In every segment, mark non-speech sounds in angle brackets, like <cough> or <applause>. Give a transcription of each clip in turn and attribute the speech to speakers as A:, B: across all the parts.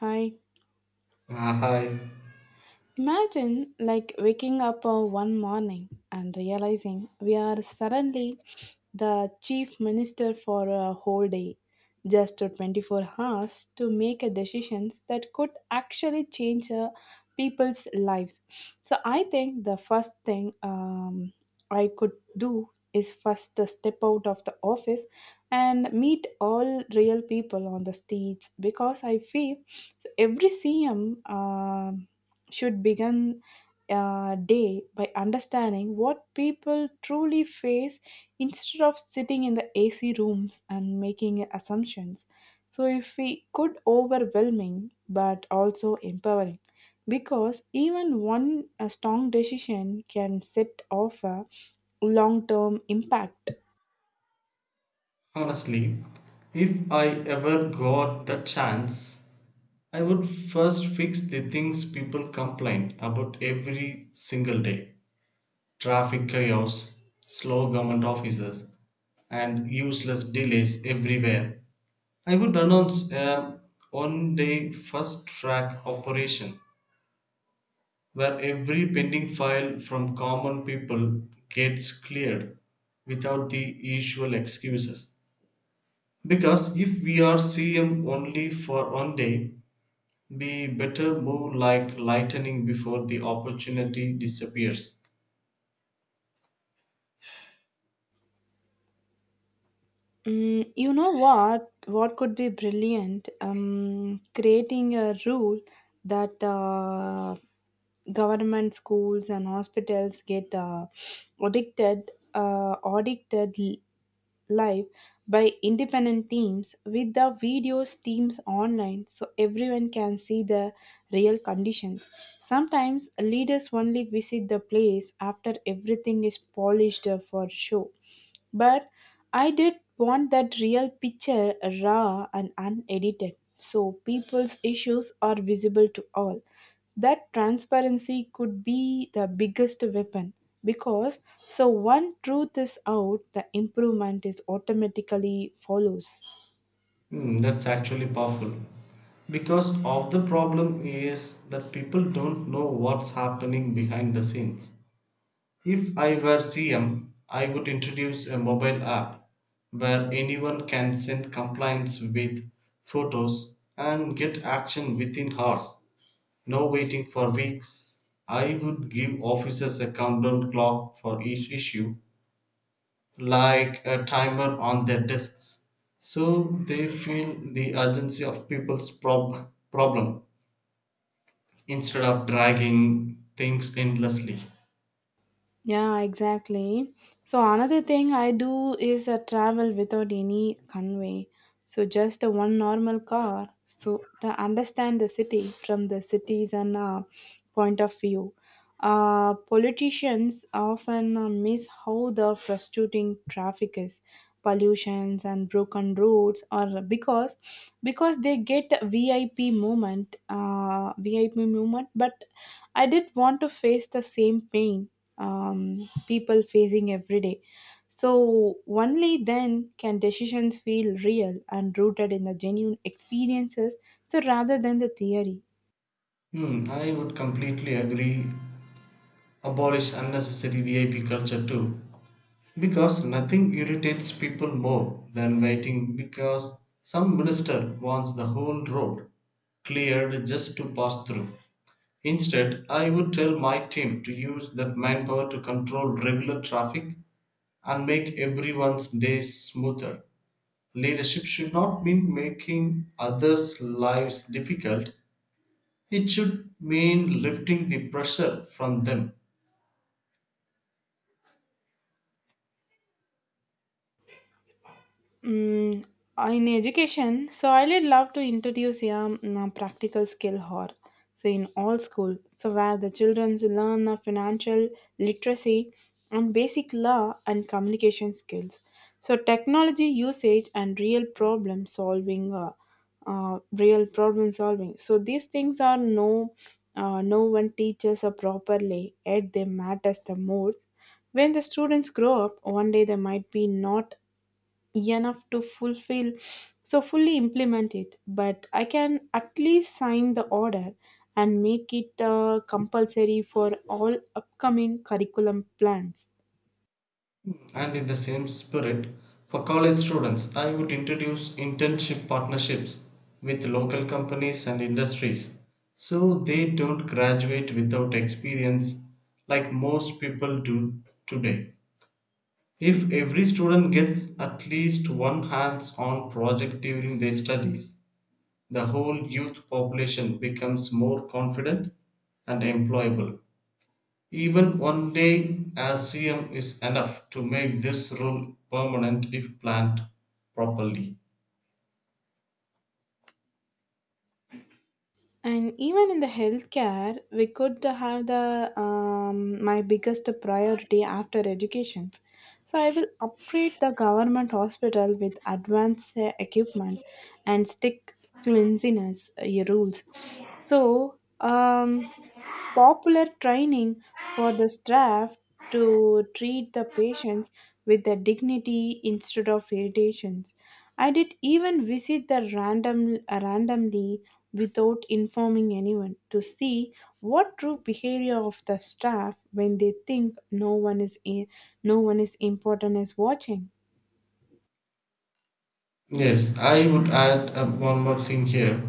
A: I
B: Uh, I
A: imagine like waking up one morning and realizing we are suddenly the chief minister for a whole day, just 24 hours to make a decisions that could actually change people's lives. So I think the first thing I could do is first to step out of the office and meet all real people on the streets because I feel every CM should begin day by understanding what people truly face instead of sitting in the AC rooms and making assumptions. So if we could overwhelming but also empowering because even one strong decision can set off a long-term impact.
B: Honestly, if I ever got the chance, I would first fix the things people complain about every single day: traffic chaos, slow government offices, and useless delays everywhere. I would announce a 1 day fast track operation where every pending file from common people gets cleared without the usual excuses. Because if we are CM only for 1 day, we better move like lightning before the opportunity disappears.
A: Mm, you know what? What could be brilliant? Creating a rule that government schools and hospitals get audited live by independent teams with the videos teams online so everyone can see the real conditions. Sometimes leaders only visit the place after everything is polished for show, but I did want that real picture, raw and unedited, so people's issues are visible to all. That transparency could be the biggest weapon because so one truth is out, the improvement is automatically follows.
B: Hmm, that's actually powerful. Because of the problem is that people don't know what's happening behind the scenes. If I were CM, I would introduce a mobile app where anyone can send complaints with photos and get action within hours. No waiting for weeks. I would give officers a countdown clock for each issue, like a timer on their desks, so they feel the urgency of people's problem instead of dragging things endlessly.
A: Yeah, exactly. So another thing I do is a travel without any convey. So just a one normal car. So to understand the city from the cities and point of view. Politicians often miss how the frustrating traffic is, pollutions and broken roads, or because they get VIP moment. But I did want to face the same pain people facing every day. So, only then can decisions feel real and rooted in the genuine experiences, so rather than the theory.
B: Hmm, I would completely agree. Abolish unnecessary VIP culture too. Because nothing irritates people more than waiting because some minister wants the whole road cleared just to pass through. Instead, I would tell my team to use that manpower to control regular traffic and make everyone's days smoother. Leadership should not mean making others' lives difficult, it should mean lifting the pressure from them.
A: Mm, in education, so I would love to introduce a practical skill or so in all school, so where the children learn of financial literacy and basic law and communication skills. So technology usage and real problem solving. So these things are no one teaches or properly. Yet they matters the most. When the students grow up, one day they might be not enough to fulfill so fully implement it, but I can at least sign the order and make it compulsory for all upcoming curriculum plans.
B: And in the same spirit, for college students, I would introduce internship partnerships with local companies and industries so they don't graduate without experience like most people do today. If every student gets at least one hands on project during their studies, the whole youth population becomes more confident and employable. Even 1 day ASEAN is enough to make this rule permanent if planned properly.
A: And even in the healthcare, we could have the my biggest priority after education. So I will upgrade the government hospital with advanced equipment and stick cleanliness rules. So popular training for the staff to treat the patients with the dignity instead of irritations. I did even visit the randomly without informing anyone to see what true behavior of the staff when they think no one is important is watching.
B: Yes, I would add one more thing here.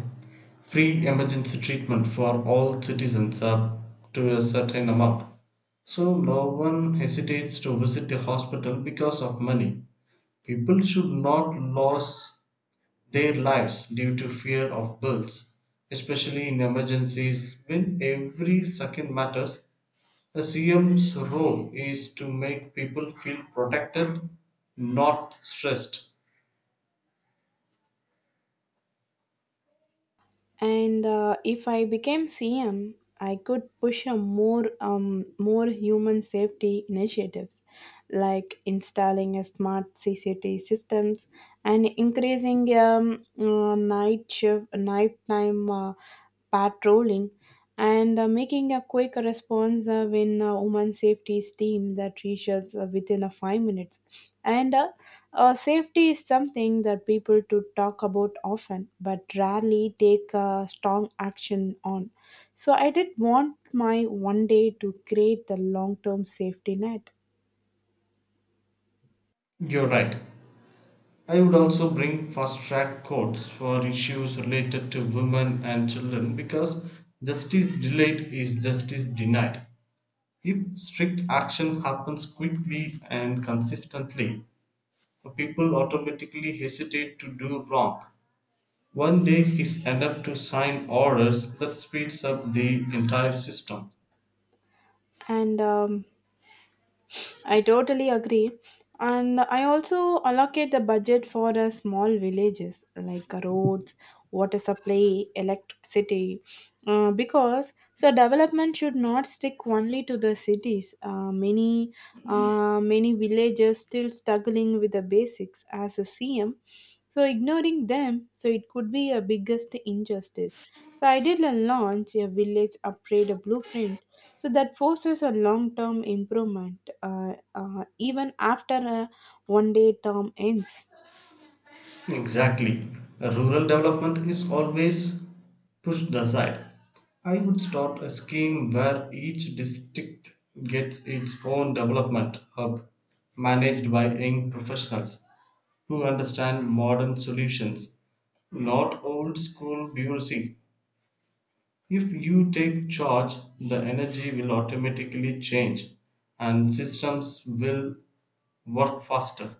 B: Free emergency treatment for all citizens up to a certain amount. So no one hesitates to visit the hospital because of money. People should not lose their lives due to fear of bills, especially in emergencies when every second matters. A CM's role is to make people feel protected, not stressed.
A: And if I became CM, I could push a more human safety initiatives like installing a smart CCTV systems and increasing night shift nighttime patrolling and making a quick response when women safety is team that reaches within a 5 minutes. And safety is something that people to talk about often but rarely take strong action on. So I did want my one day to create the long term safety net.
B: You're right. I would also bring fast track courts for issues related to women and children because justice delayed is justice denied. If strict action happens quickly and consistently, people automatically hesitate to do wrong. 1 day is enough to sign orders that speeds up the entire system.
A: And I totally agree. And I also allocate the budget for small villages like roads, water supply, electricity, because so development should not stick only to the cities. Many villages still struggling with the basics as a CM. So ignoring them, so it could be a biggest injustice. So I did a launch a village upgrade blueprint so that forces a long term improvement even after a one day term ends.
B: Exactly. Rural development is always pushed aside. I would start a scheme where each district gets its own development hub managed by young professionals who understand modern solutions, not old school bureaucracy. If you take charge, the energy will automatically change and systems will work faster.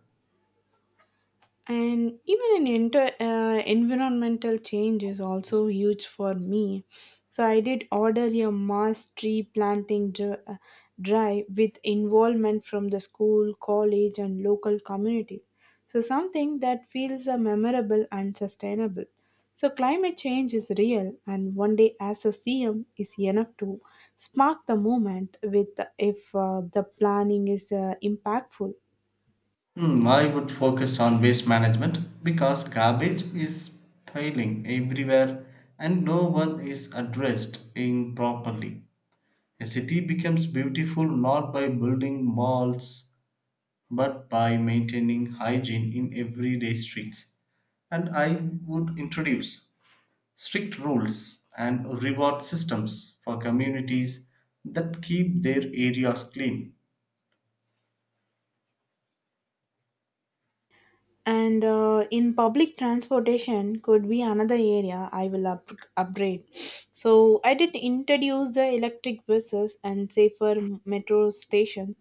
A: And even in environmental change is also huge for me, so I did order a mass tree planting drive with involvement from the school college and local communities, so something that feels memorable and sustainable. So climate change is real and one day as a CM is enough to spark the moment with, if the planning is impactful.
B: Hmm, I would focus on waste management because garbage is piling everywhere and no one is addressed in properly. A city becomes beautiful not by building malls but by maintaining hygiene in everyday streets. And I would introduce strict rules and reward systems for communities that keep their areas clean.
A: And in public transportation could be another area I will upgrade. So I did introduce the electric buses and safer metro stations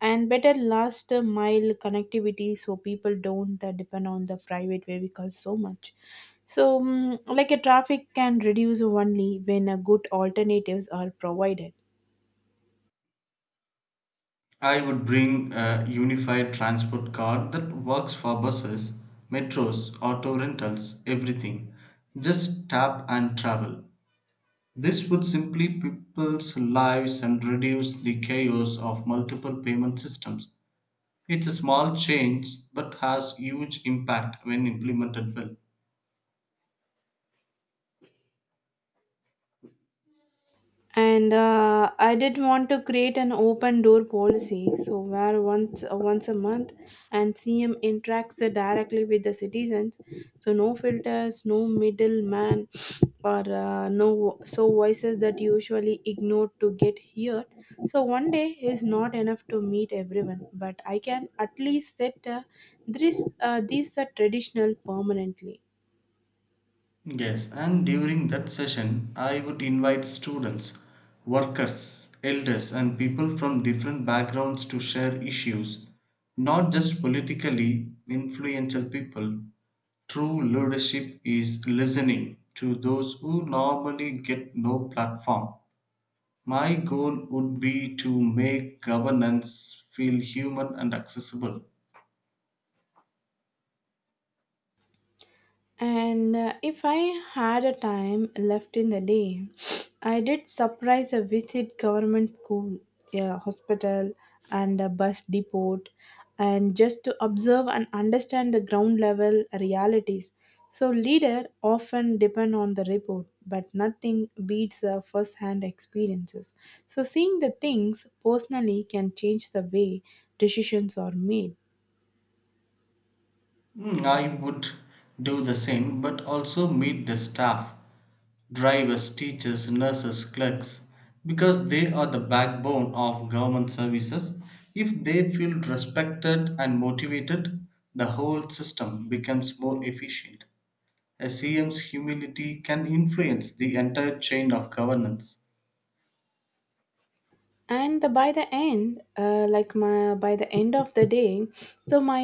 A: and better last mile connectivity, so people don't depend on the private vehicles so much. So like a traffic can reduce only when a good alternatives are provided.
B: I would bring a unified transport card that works for buses, metros, auto rentals, everything. Just tap and travel. This would simply people's lives and reduce the chaos of multiple payment systems. It's a small change but has huge impact when implemented well.
A: And I did want to create an open door policy, so where once a month and CM interacts directly with the citizens. So no filters, no middleman, or no so voices that usually ignored to get here. So one day is not enough to meet everyone, but I can at least set this these are traditional permanently.
B: Yes, and during that session, I would invite students, workers, elders, and people from different backgrounds to share issues, not just politically influential people. True leadership is listening to those who normally get no platform. My goal would be to make governance feel human and accessible.
A: And if I had a time left in the day, <sniffs> I did surprise a visit government school, a hospital, and a bus depot, and just to observe and understand the ground level realities. So leader often depend on the report, but nothing beats the first-hand experiences. So seeing the things personally can change the way decisions are made.
B: Mm, I would do the same, but also meet the staff: drivers, teachers, nurses, clerks, because they are the backbone of government services. If they feel respected and motivated, the whole system becomes more efficient. A CM's humility can influence the entire chain of governance.
A: And by the end of the day, so my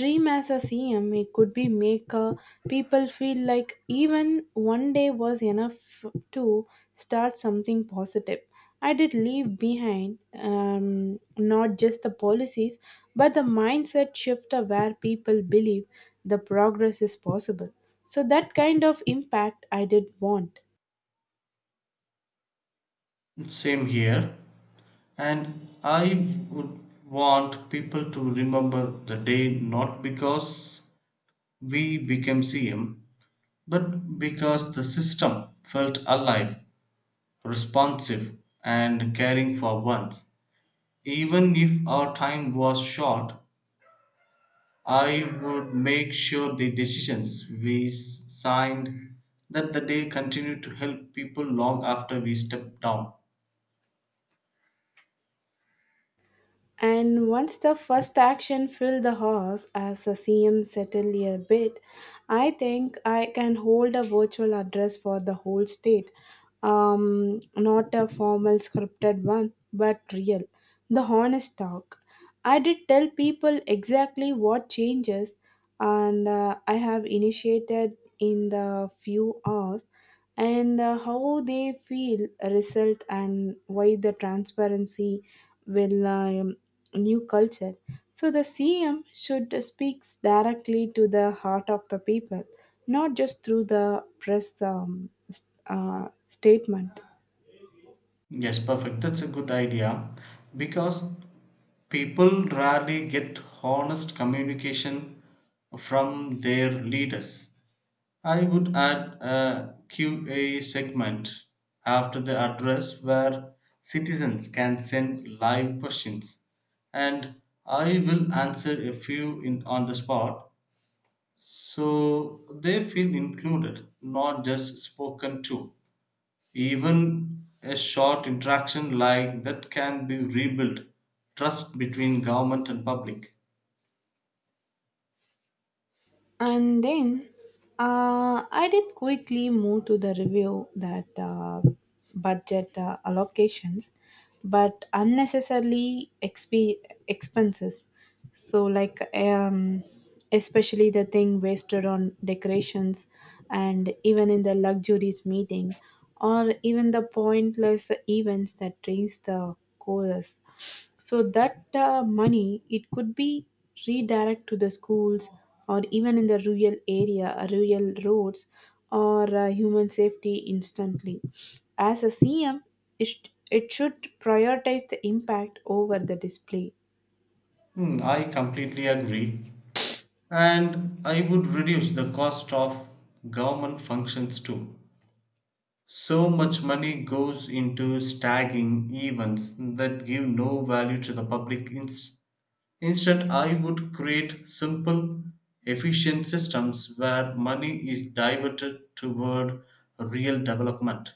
A: dream as a CM it could be make people feel like even one day was enough to start something positive. I did leave behind not just the policies, but the mindset shift of where people believe the progress is possible. So that kind of impact I did want.
B: Same here, and I would want people to remember the day not because we became CM, but because the system felt alive, responsive, and caring for ones. Even if our time was short, I would make sure the decisions we signed that the day continued to help people long after we stepped down.
A: And once the first action filled the horse as the CM settled a bit, I think I can hold a virtual address for the whole state. Not a formal scripted one, but real. The honest talk. I did tell people exactly what changes and I have initiated in the few hours, and how they feel result and why the transparency will new culture. So the CM should speaks directly to the heart of the people, not just through the press statement.
B: Yes, perfect. That's a good idea because people rarely get honest communication from their leaders. I would add a QA segment after the address where citizens can send live questions, and I will answer a few in, on the spot, so they feel included, not just spoken to. Even a short interaction like that can be rebuilt trust between government and public.
A: And then I did quickly move to the review that budget allocations, but unnecessarily expenses. So, like, especially the thing wasted on decorations and even in the luxuries meeting, or even the pointless events that drains the chorus. So that money it could be redirect to the schools, or even in the rural area, rural roads, or human safety instantly. As a CM, it, it should prioritize the impact over the display.
B: Hmm, I completely agree. And I would reduce the cost of government functions too. So much money goes into stagging events that give no value to the public. Instead, I would create simple, efficient systems where money is diverted toward real development.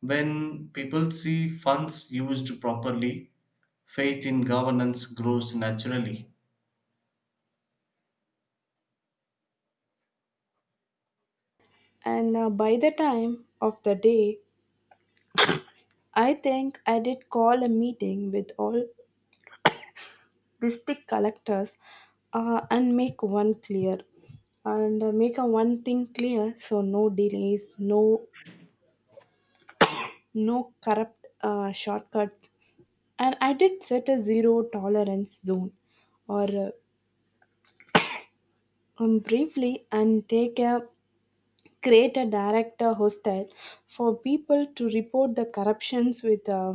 B: When people see funds used properly, faith in governance grows naturally.
A: And by the time of the day, I think I did call a meeting with all district collectors and make a one thing clear, so no delays, no corrupt shortcuts. And I did set a zero tolerance zone, or briefly and take a create a director hostile for people to report the corruptions with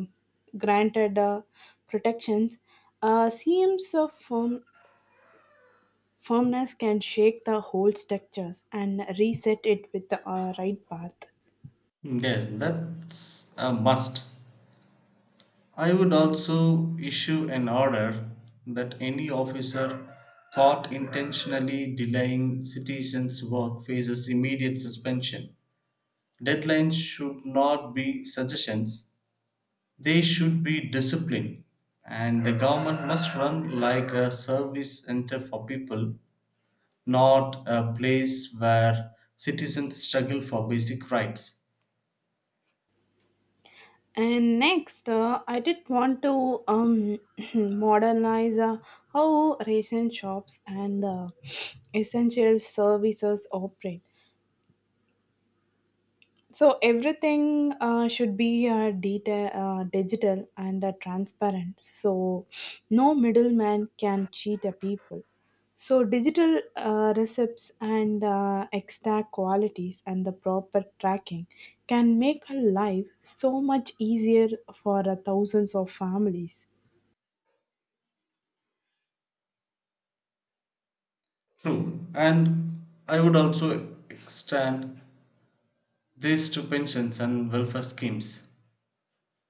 A: granted protections. CMs of firmness can shake the whole structures and reset it with the right path.
B: Yes, that's a must. I would also issue an order that any officer caught intentionally delaying citizens' work faces immediate suspension. Deadlines should not be suggestions, they should be discipline. And the government must run like a service center for people, not a place where citizens struggle for basic rights.
A: And next, I did want to <clears throat> modernize how ration shops and <sniffs> essential services operate. So everything should be digital and transparent. So no middleman can cheat a people. So digital receipts and extract qualities and the proper tracking can make a life so much easier for thousands of families.
B: True. And I would also extend these to pensions and welfare schemes.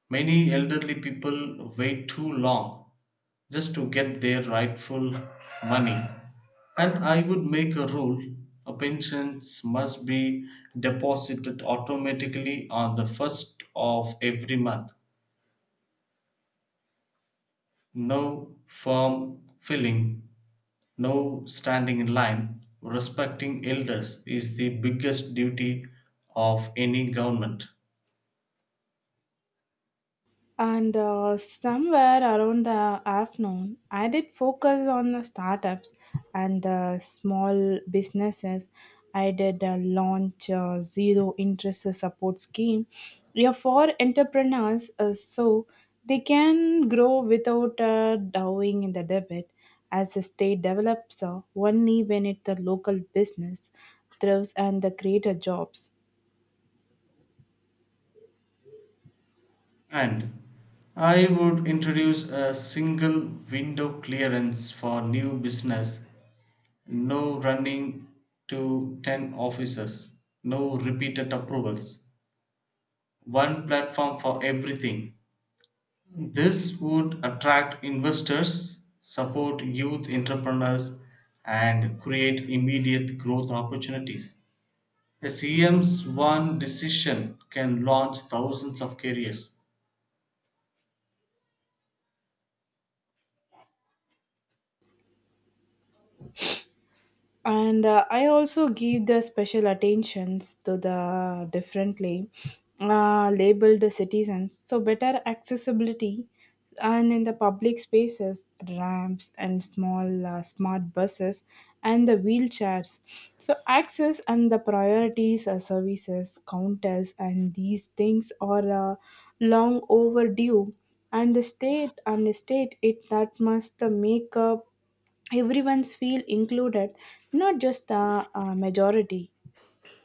B: Many elderly people wait too long just to get their rightful money. And I would make a rule: a pensions must be deposited automatically on the first of every month. No form filling, no standing in line. Respecting elders is the biggest duty of any government.
A: And somewhere around the afternoon, I did focus on the startups and the small businesses. I did launch a zero interest support scheme, yeah, for entrepreneurs so they can grow without drawing in the debit. As the state develops, only when it the local business thrives and the creator jobs.
B: And I would introduce a single window clearance for new business, no running to 10 offices, no repeated approvals, one platform for everything. This would attract investors, support youth entrepreneurs, and create immediate growth opportunities. A CM's one decision can launch thousands of careers.
A: And I also give the special attentions to the differently labeled citizens, so better accessibility and in the public spaces ramps and small smart buses and the wheelchairs, so access and the priorities services counters, and these things are long overdue. And the state it that must make up everyone's feel included, not just the majority.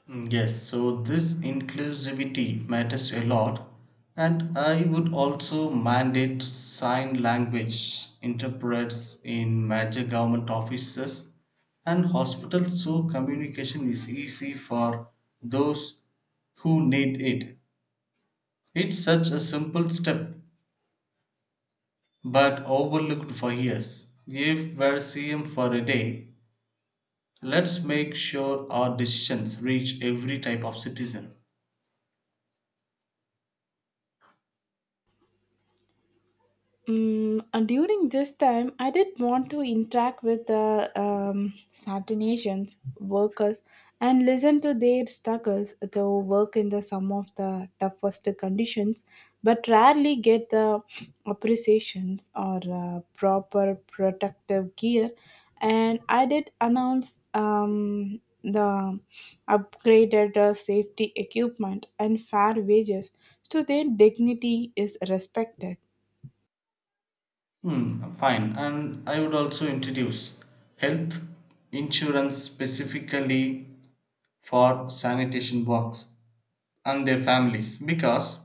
B: Mm, yes, so this inclusivity matters a lot, and I would also mandate sign language interpreters in major government offices and hospitals so communication is easy for those who need it. It's such a simple step but overlooked for years. If we're CM for a day, let's make sure our decisions reach every type of citizen.
A: Mm, and during this time, I did want to interact with the certain Asians workers and listen to their struggles. They work in the some of the toughest conditions, but rarely get the appreciations or proper protective gear. And I did announce the upgraded safety equipment and fair wages, so their dignity is respected.
B: Hmm, fine. And I would also introduce health insurance specifically for sanitation workers and their families because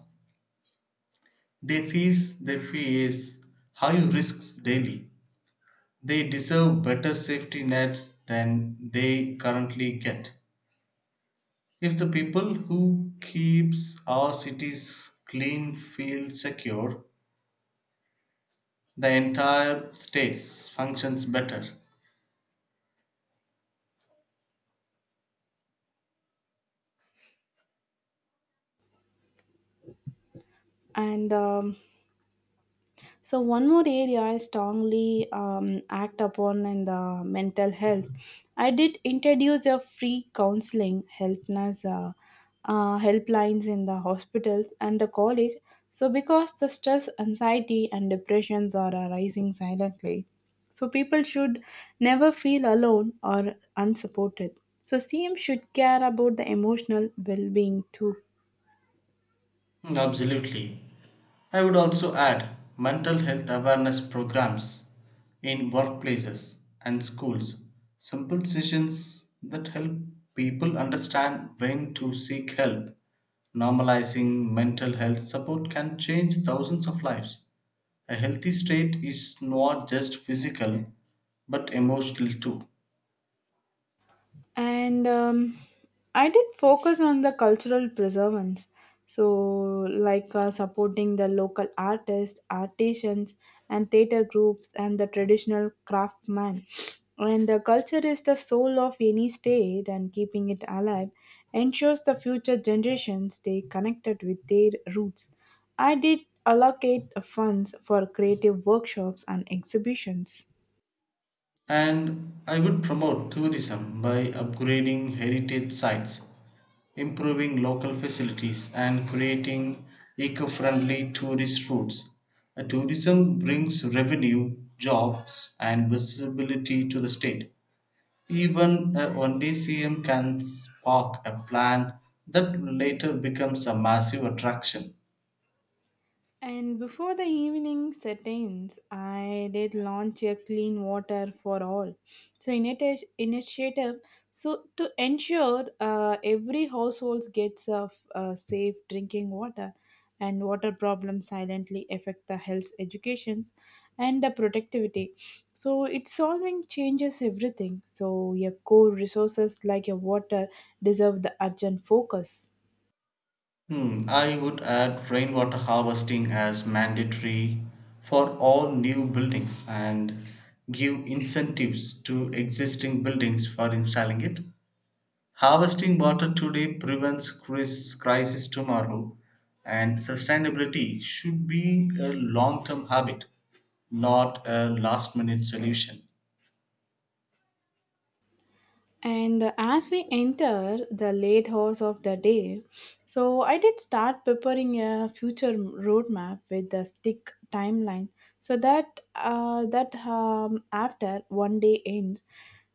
B: they face high risks daily. They deserve better safety nets than they currently get. If the people who keeps our cities clean feel secure, the entire states functions better.
A: And so one more area I strongly act upon in the mental health. I did introduce a free counseling helpness helplines in the hospitals and the college, so because the stress anxiety and depressions are arising silently. So people should never feel alone or unsupported. So CM should care about the emotional well-being too.
B: Hmm, absolutely. I would also add mental health awareness programs in workplaces and schools. Simple sessions that help people understand when to seek help. Normalizing mental health support can change thousands of lives. A healthy state is not just physical but emotional too.
A: And I did focus on the cultural preservance, so like supporting the local artists artisans and theater groups and the traditional craftsmen. And the culture is the soul of any state, and keeping it alive ensures the future generations stay connected with their roots. I did allocate funds for creative workshops and exhibitions.
B: And I would promote tourism by upgrading heritage sites, improving local facilities, and creating eco friendly tourist routes. Tourism brings revenue, jobs, and visibility to the state. Even a 1 day CM can spark a plan that later becomes a massive attraction.
A: And before the evening set in, I did launch a clean water for all. So initiative so to ensure every household gets a safe drinking water. And water problems silently affect the health educations and the productivity. So it's solving changes everything. So your core resources like your water deserve the urgent focus.
B: Hmm, I would add rainwater harvesting as mandatory for all new buildings and give incentives to existing buildings for installing it. Harvesting water today prevents crisis tomorrow, and sustainability should be a long term habit, not a last minute solution.
A: And as we enter the late hours of the day, so I did start preparing a future roadmap with the stick timeline, so that after one day ends,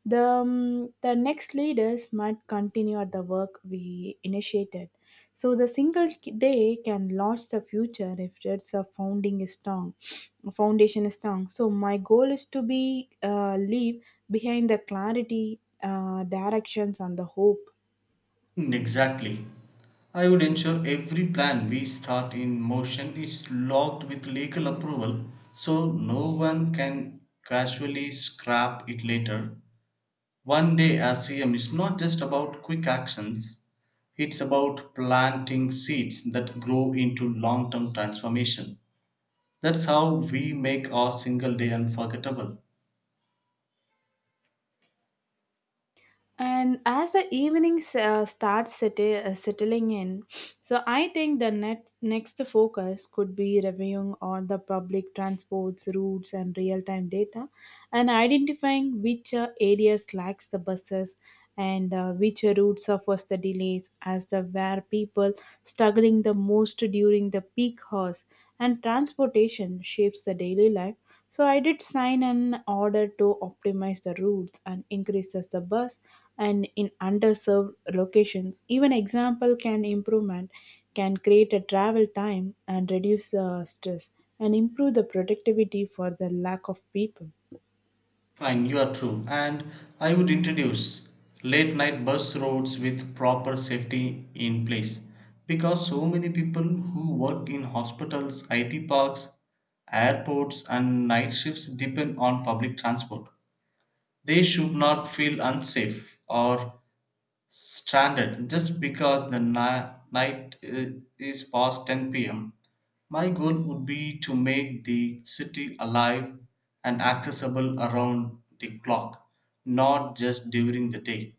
A: the next leaders might continue at the work we initiated. So the single day can launch the future if it's a foundation is strong. So my goal is to be leave behind the clarity, directions, and the hope.
B: Hmm, exactly. I would ensure every plan we start in motion is logged with legal approval so no one can casually scrap it later. 1 day as CM is not just about quick actions, it's about planting seeds that grow into long term transformation. That's how we make our single day unforgettable.
A: And as the evening starts settling in, so I think the next focus could be reviewing all the public transports, routes, and real time data and identifying which areas lacks the buses and which routes suffers the delays as the where people struggling the most during the peak hours. And transportation shapes the daily life, so I did sign an order to optimize the routes and increases the bus and in underserved locations. Even example can improvement can create a travel time and reduce stress and improve the productivity for the lack of people.
B: Fine, you are true. And I would introduce late night bus routes with proper safety in place because so many people who work in hospitals, IT parks, airports, and night shifts depend on public transport. They should not feel unsafe or stranded just because the night i- is past 10 pm. My goal would be to make the city alive and accessible around the clock, not just during the day.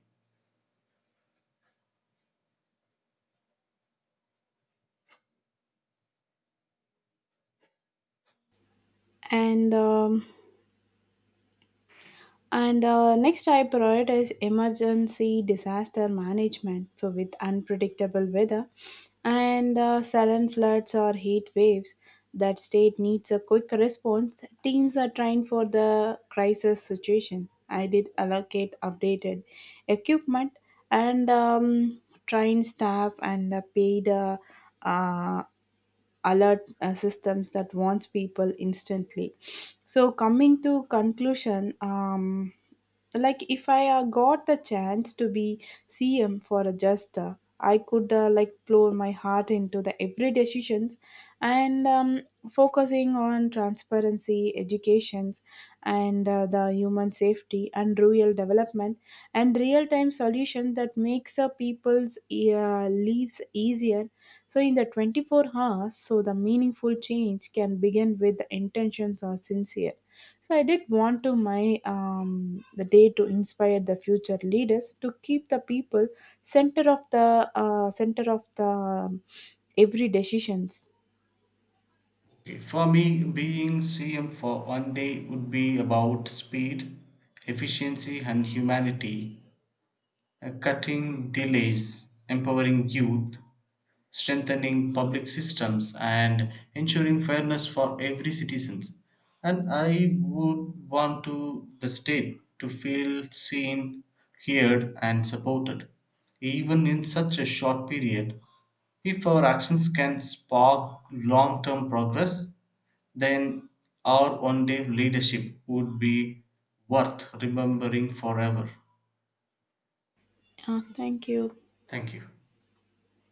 A: And um, And next, I prioritize emergency disaster management. So, with unpredictable weather and sudden floods or heat waves, that state needs a quick response. Teams are trained for the crisis situation. I did allocate updated equipment and trained staff and paid uh, alert systems that wants people instantly. So coming to conclusion, like if I got the chance to be CM for a just I could like pour my heart into the every decisions. And focusing on transparency educations and the human safety and rural development and real time solution that makes people's lives easier. So, in the 24 hours, so the meaningful change can begin with the intentions are sincere. So, I did want to my the day to inspire the future leaders to keep the people center of the every decisions.
B: Okay, for me, being CM for 1 day would be about speed, efficiency, and humanity, cutting delays, empowering youth, strengthening public systems and ensuring fairness for every citizen. And I would want to the state to feel seen, heard and supported. Even in such a short period, if our actions can spark long term progress, then our 1 day leadership would be worth remembering forever.
A: Thank you.
B: Thank you.